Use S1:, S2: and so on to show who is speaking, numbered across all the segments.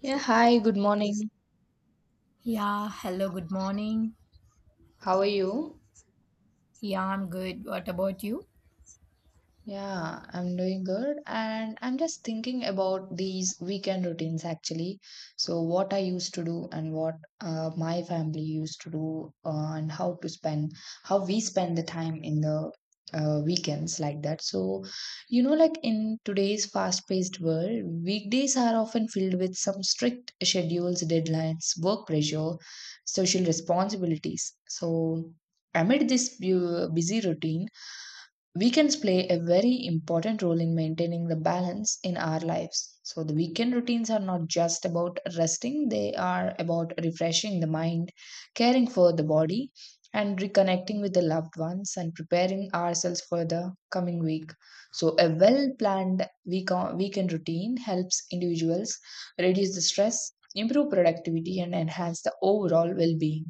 S1: Yeah, hi, good morning.
S2: Yeah, hello, good morning.
S1: How are you?
S2: Yeah, I'm good. What about you?
S1: Yeah, I'm doing good. And I'm just thinking about these weekend routines actually. So, what I used to do and what my family used to do, and how to spend, how we spend the time in the weekends like that. So, like in today's fast-paced world, weekdays are often filled with some strict schedules, deadlines, work pressure, social responsibilities. So, amid this busy routine, weekends play a very important role in maintaining the balance in our lives. So, the weekend routines are not just about resting, they are about refreshing the mind, caring for the body, and reconnecting with the loved ones and preparing ourselves for the coming week. So, a well planned weekend routine helps individuals reduce the stress, improve productivity, and enhance the overall well being.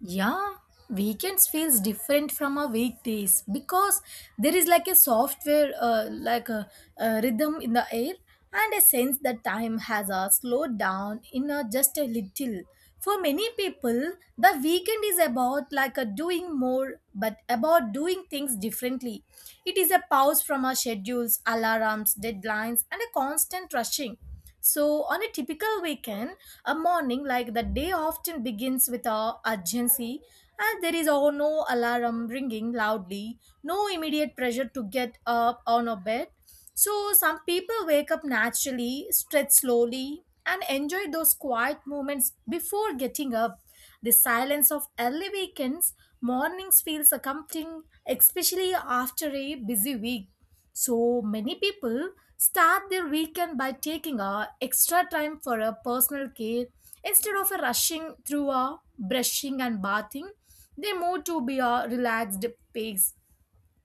S2: Yeah, weekends feels different from our weekdays because there is like a software, like a rhythm in the air and a sense that time has slowed down in just a little. For many people, the weekend is about like a doing more, but about doing things differently. It is a pause from our schedules, alarms, deadlines, and a constant rushing. So, on a typical weekend, a morning like the day often begins with a urgency, and there is all no alarm ringing loudly, no immediate pressure to get up on a bed. So, some people wake up naturally, stretch slowly, and enjoy those quiet moments before getting up. The silence of early weekends mornings feels comforting, especially after a busy week. So many people start their weekend by taking a extra time for a personal care instead of a rushing through a brushing and bathing. They move to be a relaxed pace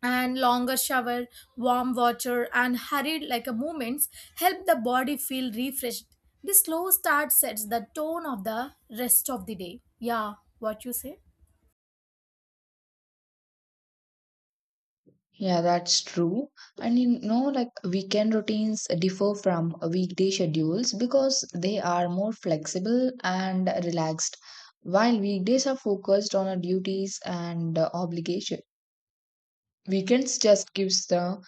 S2: and longer shower, warm water and hurried like a movements help the body feel refreshed. The slow start sets the tone of the rest of the day. Yeah, what you say?
S1: Yeah, that's true. And you know, like weekend routines differ from weekday schedules because they are more flexible and relaxed, while weekdays are focused on our duties and obligation. Weekends just gives the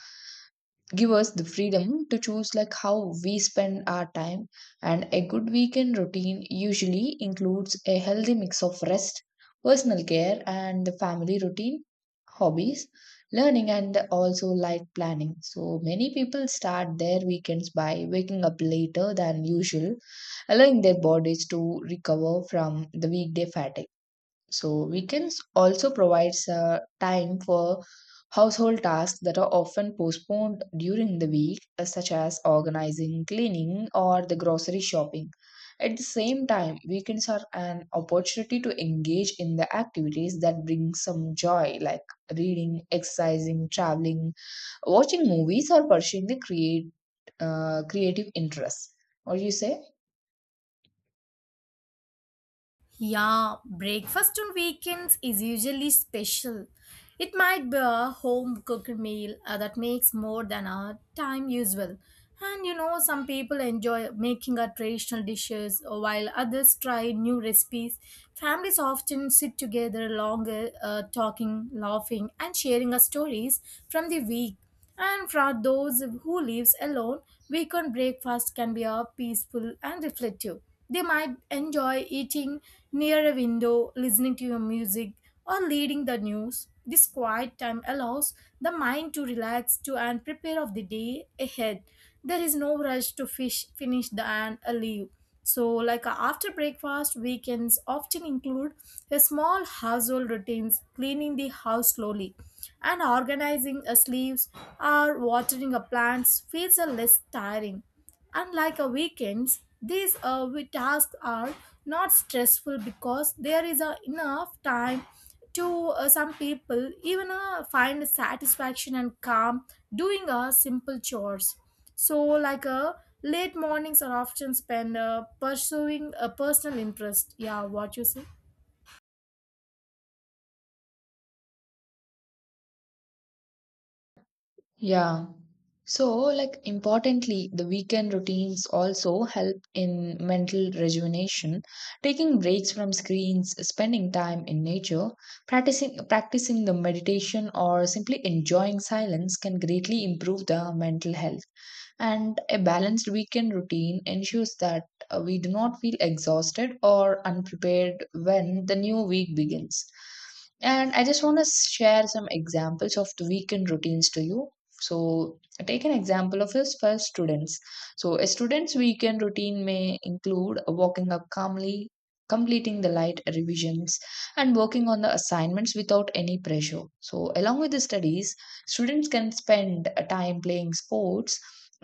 S1: give us the freedom to choose like how we spend our time, and a good weekend routine usually includes a healthy mix of rest, personal care and the family routine, hobbies, learning and also like planning. So many people start their weekends by waking up later than usual, allowing their bodies to recover from the weekday fatigue. So weekends also provides time for household tasks that are often postponed during the week, such as organizing, cleaning, or the grocery shopping. At the same time, weekends are an opportunity to engage in the activities that bring some joy, like reading, exercising, traveling, watching movies, or pursuing creative interests. What do you say?
S2: Yeah, breakfast on weekends is usually special. It might be a home cooked meal that makes more than a time usual. And some people enjoy making our traditional dishes while others try new recipes. Families often sit together longer, talking, laughing, and sharing our stories from the week. And for those who lives alone, weekend breakfast can be a peaceful and reflective. They might enjoy eating near a window, listening to your music, or reading the news. This quiet time allows the mind to relax to and prepare of the day ahead. There is no rush to finish the and leave. So, like after breakfast, weekends often include a small household routines, cleaning the house slowly, and organizing a sleeves or watering a plants feels a less tiring. Unlike a weekends, these tasks are not stressful because there is a enough time to, some people even find satisfaction and calm doing simple chores. So like late mornings are often spent pursuing a personal interest. Yeah, what you say?
S1: Yeah. So, like, importantly, the weekend routines also help in mental rejuvenation, taking breaks from screens, spending time in nature, practicing the meditation or simply enjoying silence can greatly improve the mental health. And a balanced weekend routine ensures that we do not feel exhausted or unprepared when the new week begins. And I just want to share some examples of the weekend routines to you. So, take an example of this for students. So, a student's weekend routine may include walking up calmly, completing the light revisions, and working on the assignments without any pressure. So, along with the studies, students can spend time playing sports,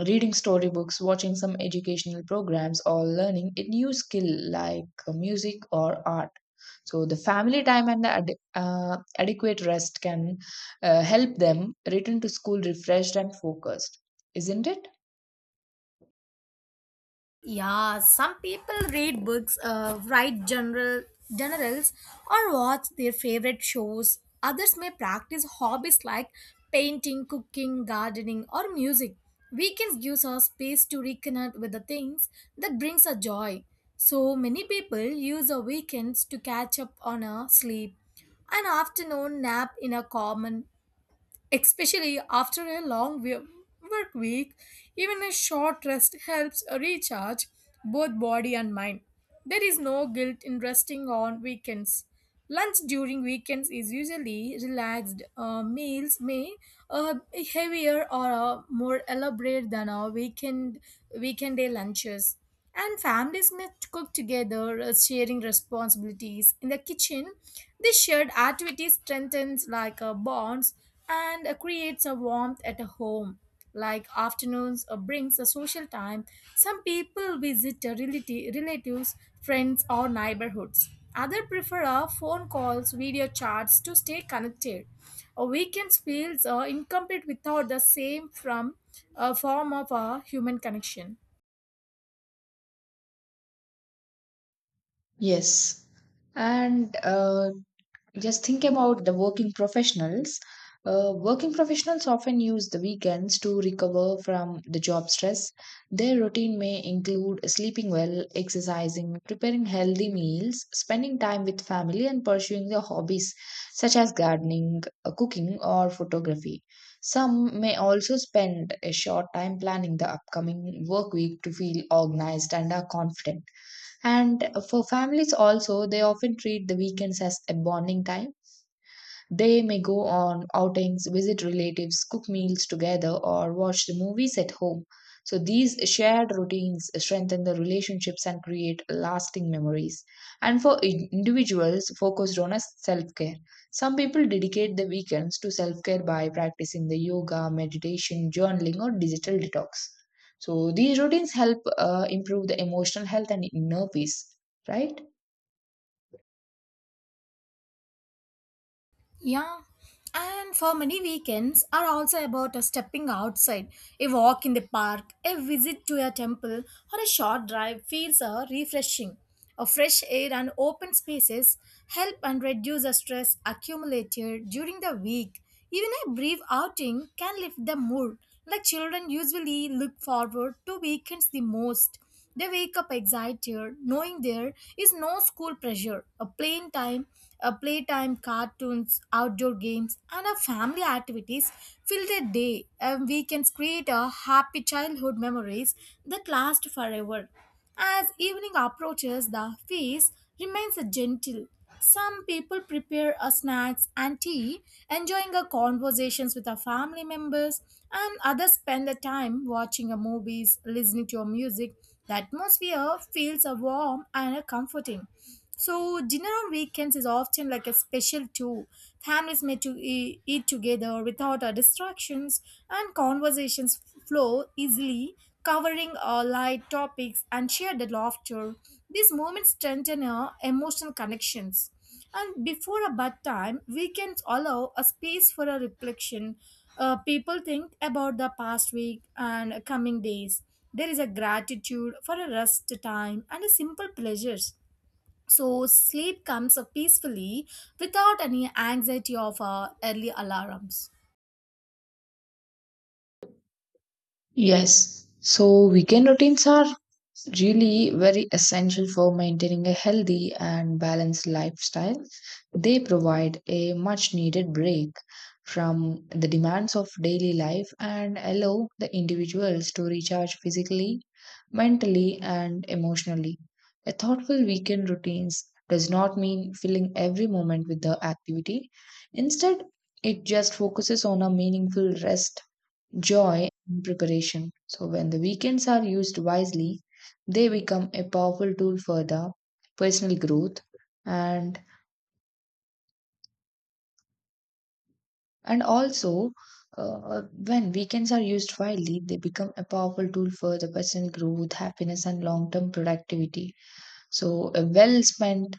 S1: reading storybooks, watching some educational programs, or learning a new skill like music or art. So, the family time and the adequate rest can help them return to school refreshed and focused, isn't it?
S2: Yeah, some people read books, write generals, or watch their favorite shows. Others may practice hobbies like painting, cooking, gardening, or music. Weekends gives us space to reconnect with the things that brings us joy. So many people use the weekends to catch up on a sleep, an afternoon nap in a common, especially after a long work week. Even a short rest helps recharge both body and mind. There is no guilt in resting on weekends. Lunch during weekends is usually relaxed. Meals may be heavier or more elaborate than our weekend day lunches, and families may cook together, sharing responsibilities. In the kitchen, this shared activity strengthens like bonds and creates a warmth at a home. Like afternoons brings a social time. Some people visit relatives, friends, or neighborhoods. Other prefer phone calls, video chats to stay connected. A weekend feels incomplete without the same from a form of a human connection.
S1: Yes. And just think about the working professionals. Working professionals often use the weekends to recover from the job stress. Their routine may include sleeping well, exercising, preparing healthy meals, spending time with family, and pursuing their hobbies such as gardening, cooking, or photography. Some may also spend a short time planning the upcoming work week to feel organized and are confident. And for families, also, they often treat the weekends as a bonding time. They may go on outings, visit relatives, cook meals together, or watch the movies at home. So these shared routines strengthen the relationships and create lasting memories. And for individuals focused on self care, some people dedicate the weekends to self care by practicing the yoga, meditation, journaling, or digital detox. So these routines help improve the emotional health and inner peace, right?
S2: Yeah, and for many weekends are also about a stepping outside. A walk in the park, a visit to a temple, or a short drive feels refreshing. A fresh air and open spaces help and reduce the stress accumulated during the week. Even a brief outing can lift the mood, like children usually look forward to weekends the most. They wake up excited, knowing there is no school pressure, a plain time, a playtime, cartoons, outdoor games, and a family activities fill their day, and weekends create a happy childhood memories that last forever. As evening approaches, the face remains gentle. Some people prepare a snacks and tea, enjoying a conversations with our family members, and others spend the time watching a movies, listening to a music. The atmosphere feels a warm and a comforting. So dinner on weekends is often like a special too. Families may to eat together without our distractions, and conversations flow easily, covering light topics and shared laughter. These moments strengthen our emotional connections. And before a bedtime, weekends allow a space for a reflection. People think about the past week and coming days. There is a gratitude for a rest time and a simple pleasures. So sleep comes peacefully, without any anxiety of early alarms.
S1: Yes, so weekend routines are really very essential for maintaining a healthy and balanced lifestyle. They provide a much needed break from the demands of daily life and allow the individuals to recharge physically, mentally, and emotionally. A thoughtful weekend routines does not mean filling every moment with the activity. Instead, it just focuses on a meaningful rest, joy, and preparation. So, when the weekends are used wisely, they become a powerful tool for the personal growth. And and also uh, when weekends are used wisely, they become a powerful tool for the personal growth, happiness and long term productivity. So a well spent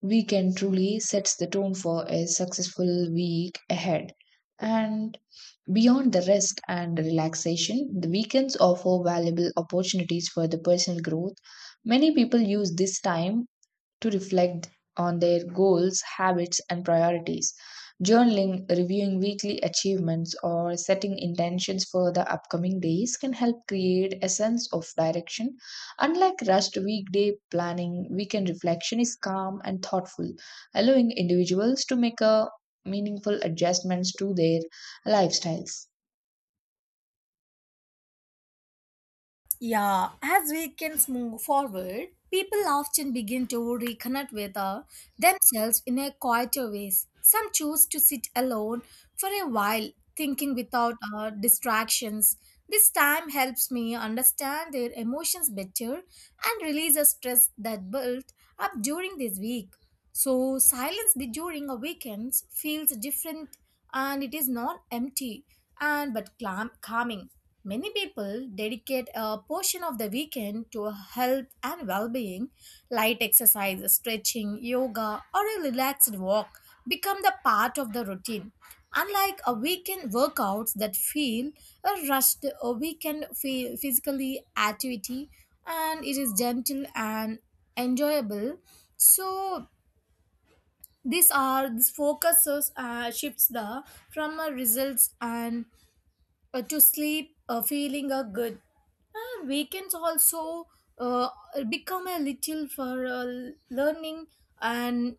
S1: weekend truly sets the tone for a successful week ahead. And beyond the rest and relaxation, the weekends offer valuable opportunities for the personal growth. Many people use this time to reflect on their goals, habits, and priorities. Journaling, reviewing weekly achievements, or setting intentions for the upcoming days can help create a sense of direction. Unlike rushed weekday planning, weekend reflection is calm and thoughtful, allowing individuals to make a meaningful adjustments to their lifestyles.
S2: Yeah, as weekends move forward, people often begin to reconnect with themselves in a quieter ways. Some choose to sit alone for a while, thinking without distractions. This time helps me understand their emotions better and release a stress that built up during this week. So, silence during a weekend feels different, and it is not empty and but calming. Many people dedicate a portion of the weekend to health and well-being. Light exercise, stretching, yoga, or a relaxed walk become the part of the routine. Unlike a weekend workouts that feel a rushed, a weekend physically activity, and it is gentle and enjoyable. So these are this focuses shifts the from a results and to sleep feeling good. And weekends also uh, become a little for learning, and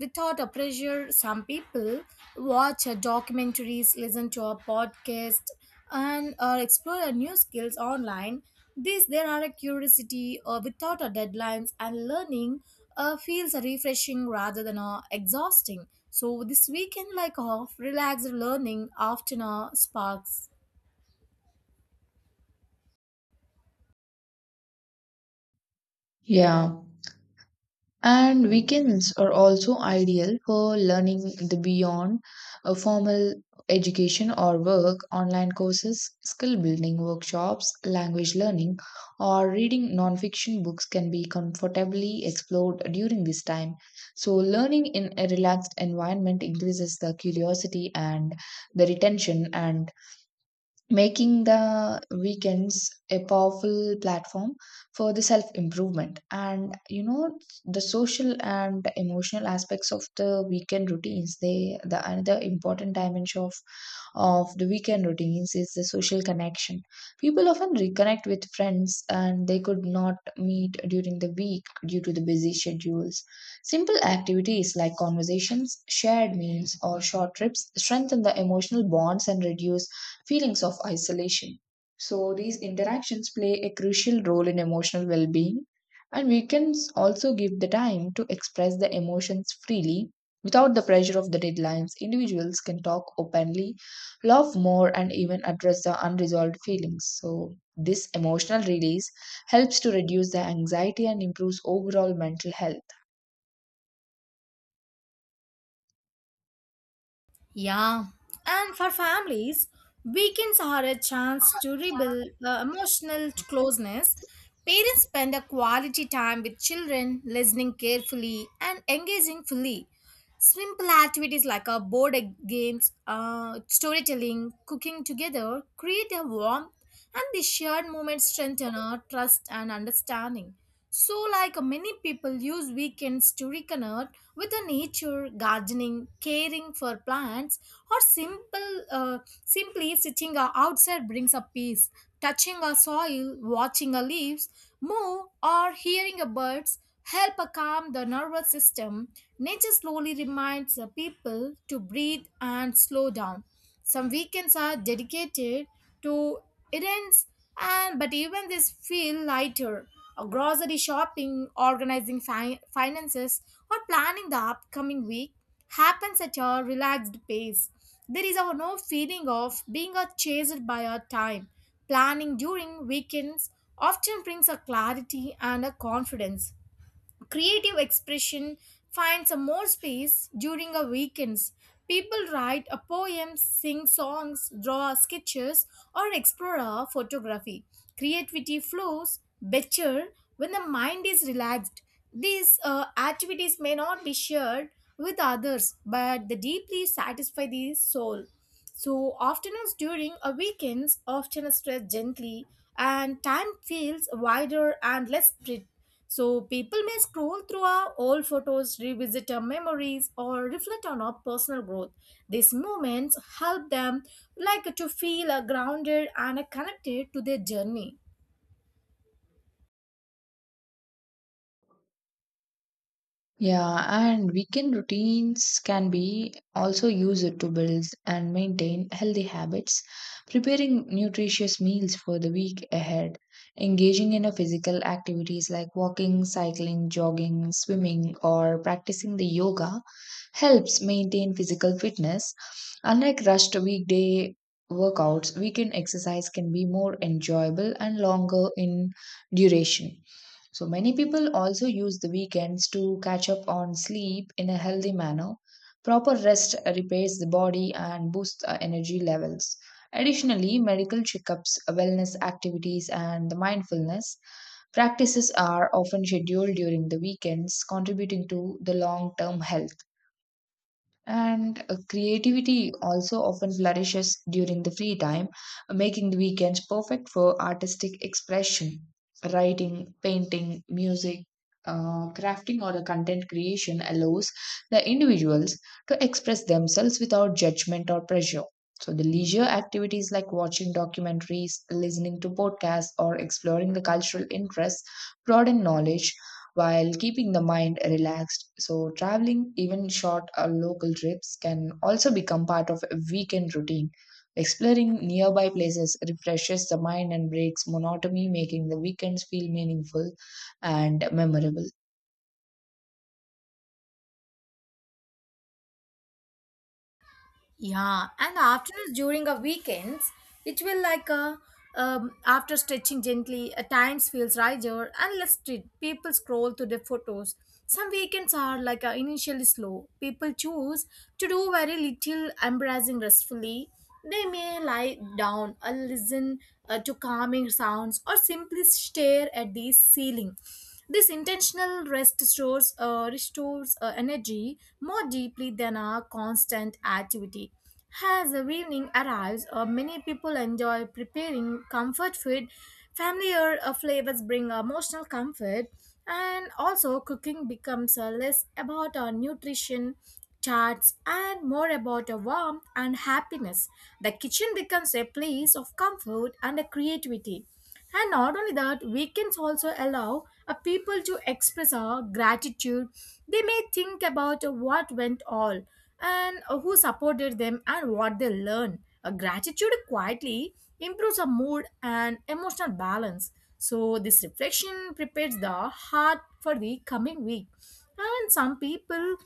S2: without a pressure, some people watch documentaries, listen to a podcast, and explore new skills online. This there are a curiosity without a deadlines, and learning feels refreshing rather than exhausting. So this weekend like off relaxed learning often sparks.
S1: Yeah. And weekends are also ideal for learning the beyond a formal education or work. Online courses, skill building workshops, language learning, or reading non-fiction books can be comfortably explored during this time. So learning in a relaxed environment increases the curiosity and the retention, and making the weekends a powerful platform for the self improvement. And you know, the social and emotional aspects of the weekend routines, they, the another important dimension of the weekend routines is the social connection. People often reconnect with friends and they could not meet during the week due to the busy schedules. Simple activities like conversations, shared meals or short trips strengthen the emotional bonds and reduce feelings of isolation. So, these interactions play a crucial role in emotional well being, and we can also give the time to express the emotions freely without the pressure of the deadlines. Individuals can talk openly, love more, and even address the unresolved feelings. So, this emotional release helps to reduce the anxiety and improves overall mental health.
S2: Yeah, and for families, weekends are a chance to rebuild the emotional closeness. Parents spend a quality time with children, listening carefully and engaging fully. Simple activities like a board games, storytelling, cooking together create a warmth, and the shared moments strengthen our trust and understanding. So, like many people use weekends to reconnect with the nature, gardening, caring for plants, or simply sitting outside brings a peace. Touching a soil, watching a leaves move, or hearing a birds help calm the nervous system. Nature slowly reminds the people to breathe and slow down. Some weekends are dedicated to errands, and but even this feel lighter. A grocery shopping, organizing finances, or planning the upcoming week happens at a relaxed pace. There is a no feeling of being chased by our time. Planning during weekends often brings a clarity and a confidence. Creative expression finds a more space during a weekends. People write a poem, sing songs, draw sketches, or explore a photography. Creativity flows better when the mind is relaxed. These activities may not be shared with others, but they deeply satisfy the soul. So afternoons during a weekends often stress gently, and time feels wider and less strict. So people may scroll through our old photos, revisit our memories, or reflect on our personal growth. These moments help them like to feel grounded and connected to their journey.
S1: Yeah, and weekend routines can be also used to build and maintain healthy habits, preparing nutritious meals for the week ahead, engaging in a physical activities like walking, cycling, jogging, swimming, or practicing the yoga helps maintain physical fitness. Unlike rushed weekday workouts, weekend exercise can be more enjoyable and longer in duration. So many people also use the weekends to catch up on sleep in a healthy manner. Proper rest repairs the body and boosts the energy levels. Additionally, medical checkups, wellness activities, and the mindfulness practices are often scheduled during the weekends, contributing to the long term health. And creativity also often flourishes during the free time, making the weekends perfect for artistic expression. Writing, painting, music, crafting, or the content creation allows the individuals to express themselves without judgment or pressure. So, the leisure activities like watching documentaries, listening to podcasts, or exploring the cultural interests broaden knowledge while keeping the mind relaxed. So, traveling, even short or local trips, can also become part of a weekend routine. Exploring nearby places refreshes the mind and breaks monotony, making the weekends feel meaningful and memorable.
S2: Yeah, and after during a weekends, it will like a after stretching gently, at times feels riser and less street. People scroll to the photos. Some weekends are like initially slow. People choose to do very little, embracing restfully. They may lie down or listen to calming sounds or simply stare at the ceiling. This intentional rest restores energy more deeply than a constant activity. As the evening arrives, many people enjoy preparing comfort food. Familiar flavors bring emotional comfort, and also cooking becomes less about our nutrition charts and more about a warmth and happiness. The kitchen becomes a place of comfort and a creativity. And not only that, weekends also allow a people to express our gratitude. They may think about what went all and who supported them and what they learned. A gratitude quietly improves our mood and emotional balance. So this reflection prepares the heart for the coming week. And some people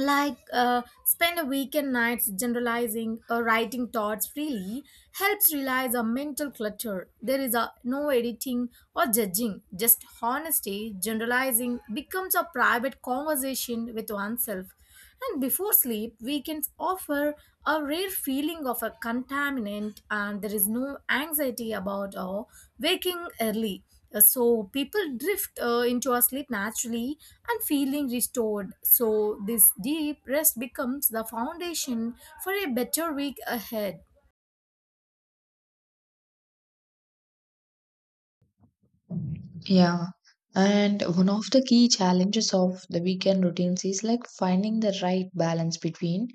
S2: like spend a weekend nights generalizing or writing thoughts freely helps realize a mental clutter. There is a no editing or judging, just honesty. Generalizing becomes a private conversation with oneself. And before sleep, weekends offer a rare feeling of a contaminant, and there is no anxiety about waking early. So people drift into a sleep naturally and feeling restored. So this deep rest becomes the foundation for a better week ahead.
S1: Yeah. And one of the key challenges of the weekend routines is like finding the right balance between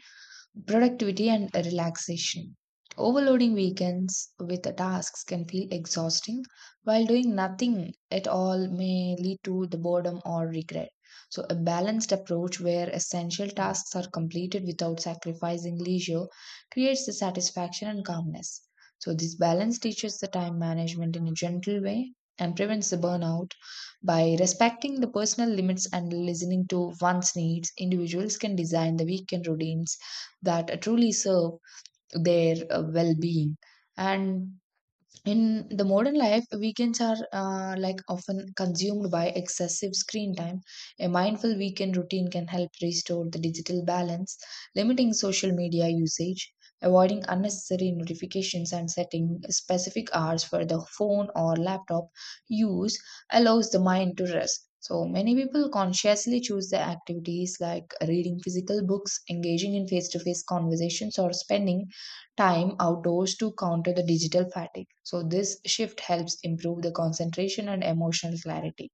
S1: productivity and relaxation. Overloading weekends with tasks can feel exhausting, while doing nothing at all may lead to the boredom or regret. So, a balanced approach where essential tasks are completed without sacrificing leisure creates the satisfaction and calmness. So, this balance teaches the time management in a gentle way and prevents the burnout. By respecting the personal limits and listening to one's needs, individuals can design the weekend routines that truly serve their well being. And in the modern life, weekends are like often consumed by excessive screen time. A mindful weekend routine can help restore the digital balance, limiting social media usage, avoiding unnecessary notifications, and setting specific hours for the phone or laptop use allows the mind to rest. So many people consciously choose the activities like reading physical books, engaging in face to face conversations, or spending time outdoors to counter the digital fatigue. So, this shift helps improve the concentration and emotional clarity.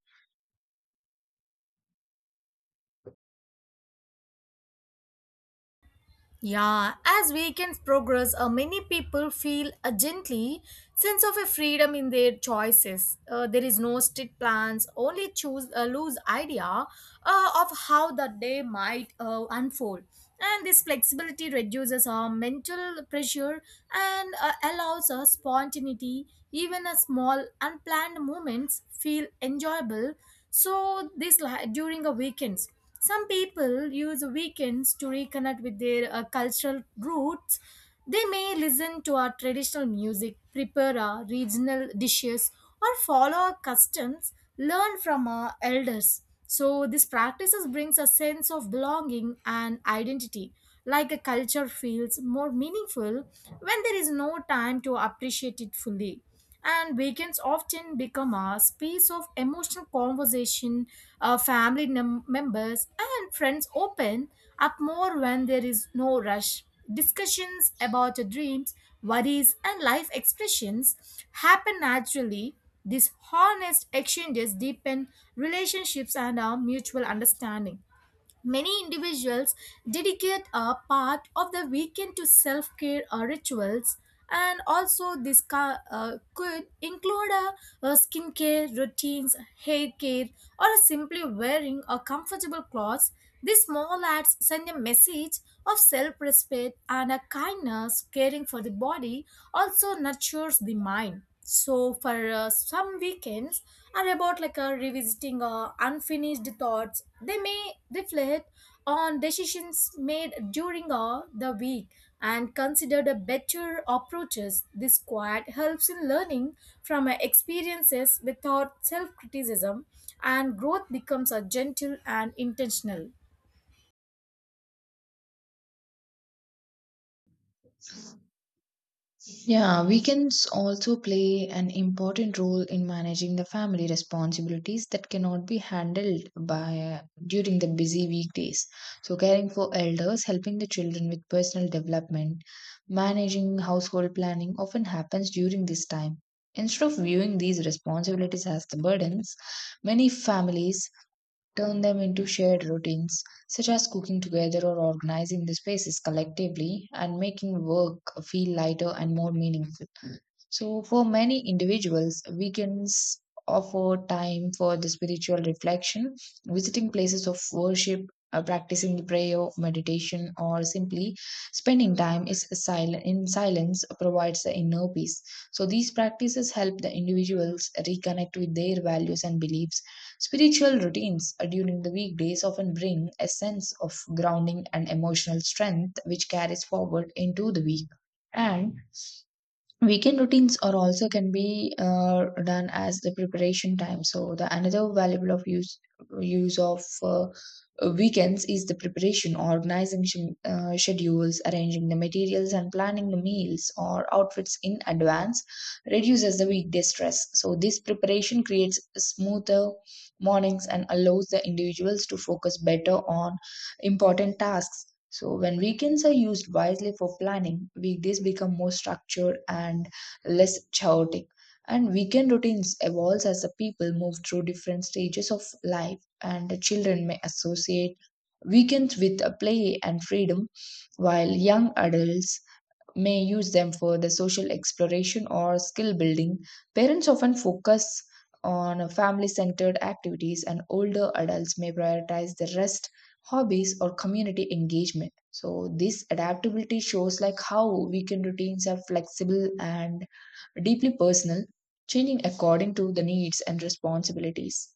S2: Yeah, as weekends progress, many people feel a gently sense of a freedom in their choices. There is no strict plans, only choose a loose idea of how the day might unfold. And this flexibility reduces our mental pressure and allows us spontaneity. Even a small unplanned moments feel enjoyable. So this during a weekends. Some people use weekends to reconnect with their cultural roots. They may listen to our traditional music, prepare our regional dishes, or follow our customs, learn from our elders. So these practices brings a sense of belonging and identity. Like a culture feels more meaningful when there is no time to appreciate it fully, and weekends often become a space of emotional conversation. Family members and friends open up more when there is no rush. Discussions about your dreams, worries and life expressions happen naturally. These honest exchanges deepen relationships and our mutual understanding. Many individuals dedicate a part of the weekend to self care rituals, and also could include a skincare routines, hair care, or simply wearing a comfortable clothes. These small acts send a message of self respect and a kindness. Caring for the body also nurtures the mind, so for some weekends are about like a revisiting unfinished thoughts. They may reflect on decisions made during the week and consider the better approaches. This quiet helps in learning from experiences without self-criticism, and growth becomes a gentle and intentional.
S1: Yeah, weekends also play an important role in managing the family responsibilities that cannot be handled by during the busy weekdays. So caring for elders, helping the children with personal development, managing household planning often happens during this time. Instead of viewing these responsibilities as the burdens, many families turn them into shared routines, such as cooking together or organizing the spaces collectively and making work feel lighter and more meaningful. So, for many individuals, weekends offer time for the spiritual reflection, visiting places of worship, practicing the prayer, meditation, or simply spending time is silent, in silence provides the inner peace. So, these practices help the individuals reconnect with their values and beliefs. Spiritual routines during the weekdays often bring a sense of grounding and emotional strength, which carries forward into the week. And weekend routines are also can be done as the preparation time. So the another valuable of use, use of weekends is the preparation, organizing schedules, arranging the materials and planning the meals or outfits in advance reduces the weekday stress. So this preparation creates smoother mornings and allows the individuals to focus better on important tasks. So when weekends are used wisely for planning, weekdays become more structured and less chaotic. And weekend routines evolves as the people move through different stages of life, and the children may associate weekends with play and freedom, while young adults may use them for the social exploration or skill building. Parents often focus on family centered activities, and older adults may prioritize the rest, hobbies, or community engagement. So, this adaptability shows like how weekend routines are flexible and deeply personal, changing according to the needs and responsibilities.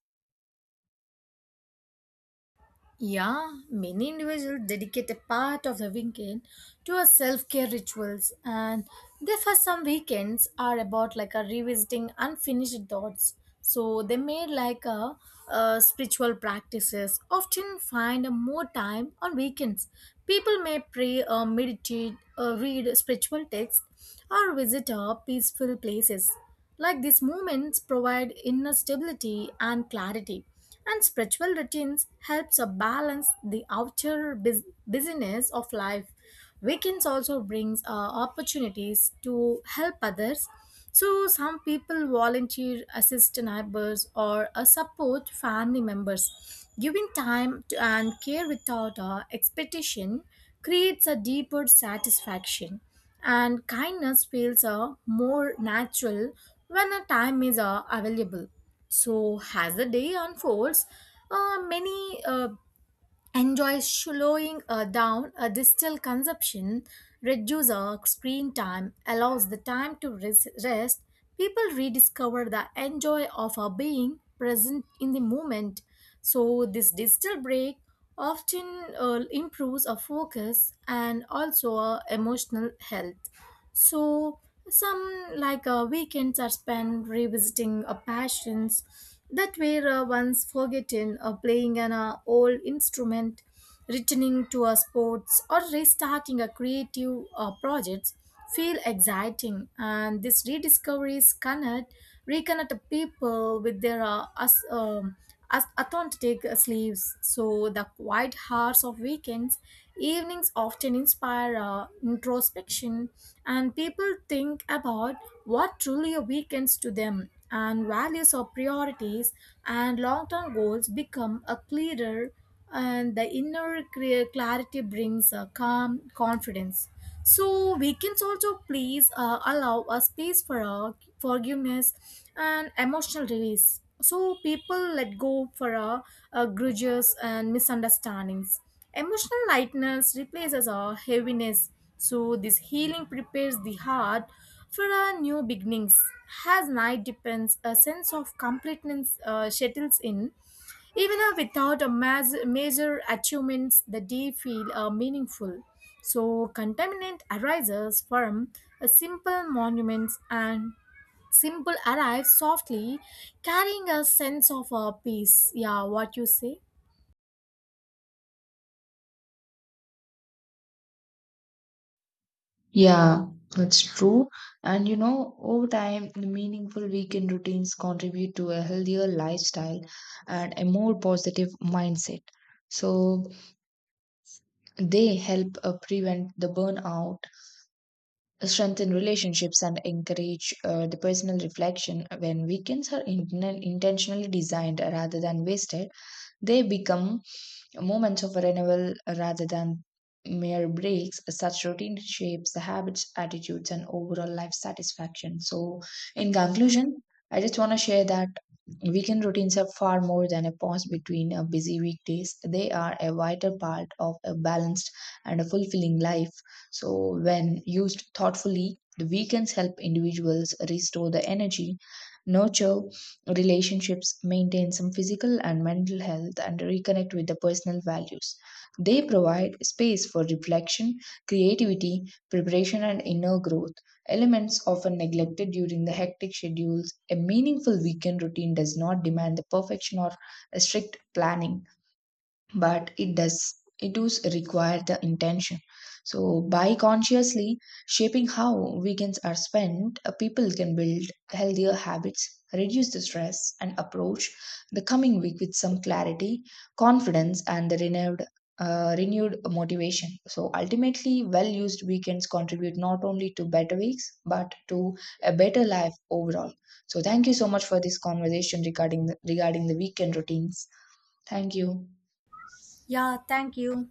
S2: Yeah, many individuals dedicate a part of the weekend to our self-care rituals, and therefore some weekends are about like a revisiting unfinished thoughts. So they made like spiritual practices often find a more time on weekends. People may pray or meditate or read spiritual texts or visit peaceful places. Like these moments provide inner stability and clarity, and spiritual routines helps us balance the outer busyness of life. Weekends also brings opportunities to help others. So some people volunteer, assist neighbors or support family members. Giving time to, and care without expectation creates a deeper satisfaction, and kindness feels more natural when a time is available. So, as the day unfolds, many enjoys slowing down a digital consumption, reduce our screen time, allows the time to rest. People rediscover the enjoy of our being present in the moment. So this digital break often improves our focus and also our emotional health. So some like weekends are spent revisiting our passions that were once forgotten. Playing an old instrument, returning to a sports or restarting a creative projects feel exciting, and these rediscoveries connect reconnect people with their as authentic sleeves. So the quiet hours of weekends, evenings often inspire introspection, and people think about what truly a weekends to them, and values or priorities and long-term goals become a clearer, and the inner clear clarity brings a calm confidence. So weekends also please allow a space for forgiveness and emotional release. So people let go for grudges and misunderstandings. Emotional lightness replaces our heaviness. So this healing prepares the heart for our new beginnings. As night depends, a sense of completeness settles in. Even without a major achievements, the day feel meaningful. So contaminant arises from a simple monuments, and simple arrives softly, carrying a sense of peace. Yeah, what you say?
S1: Yeah, that's true. And you know, over time, the meaningful weekend routines contribute to a healthier lifestyle and a more positive mindset. So they help prevent the burnout, strengthen relationships, and encourage the personal reflection. When weekends are intentionally designed rather than wasted, they become moments of renewal rather than mere breaks. Such routine shapes the habits, attitudes, and overall life satisfaction. So, in conclusion, I just want to share that weekend routines are far more than a pause between a busy weekdays. They are a vital part of a balanced and a fulfilling life. So, when used thoughtfully, the weekends help individuals restore the energy, nurture relationships, maintain some physical and mental health, and reconnect with the personal values. They provide space for reflection, creativity, preparation, and inner growth, elements often neglected during the hectic schedules. A meaningful weekend routine does not demand the perfection or a strict planning, but it does require the intention. So by consciously shaping how weekends are spent, people can build healthier habits, reduce the stress and approach the coming week with some clarity, confidence and the renewed motivation. So ultimately well used weekends contribute not only to better weeks but to a better life overall. So thank you so much for this conversation regarding regarding the weekend routines. Thank you.
S2: Yeah, thank you.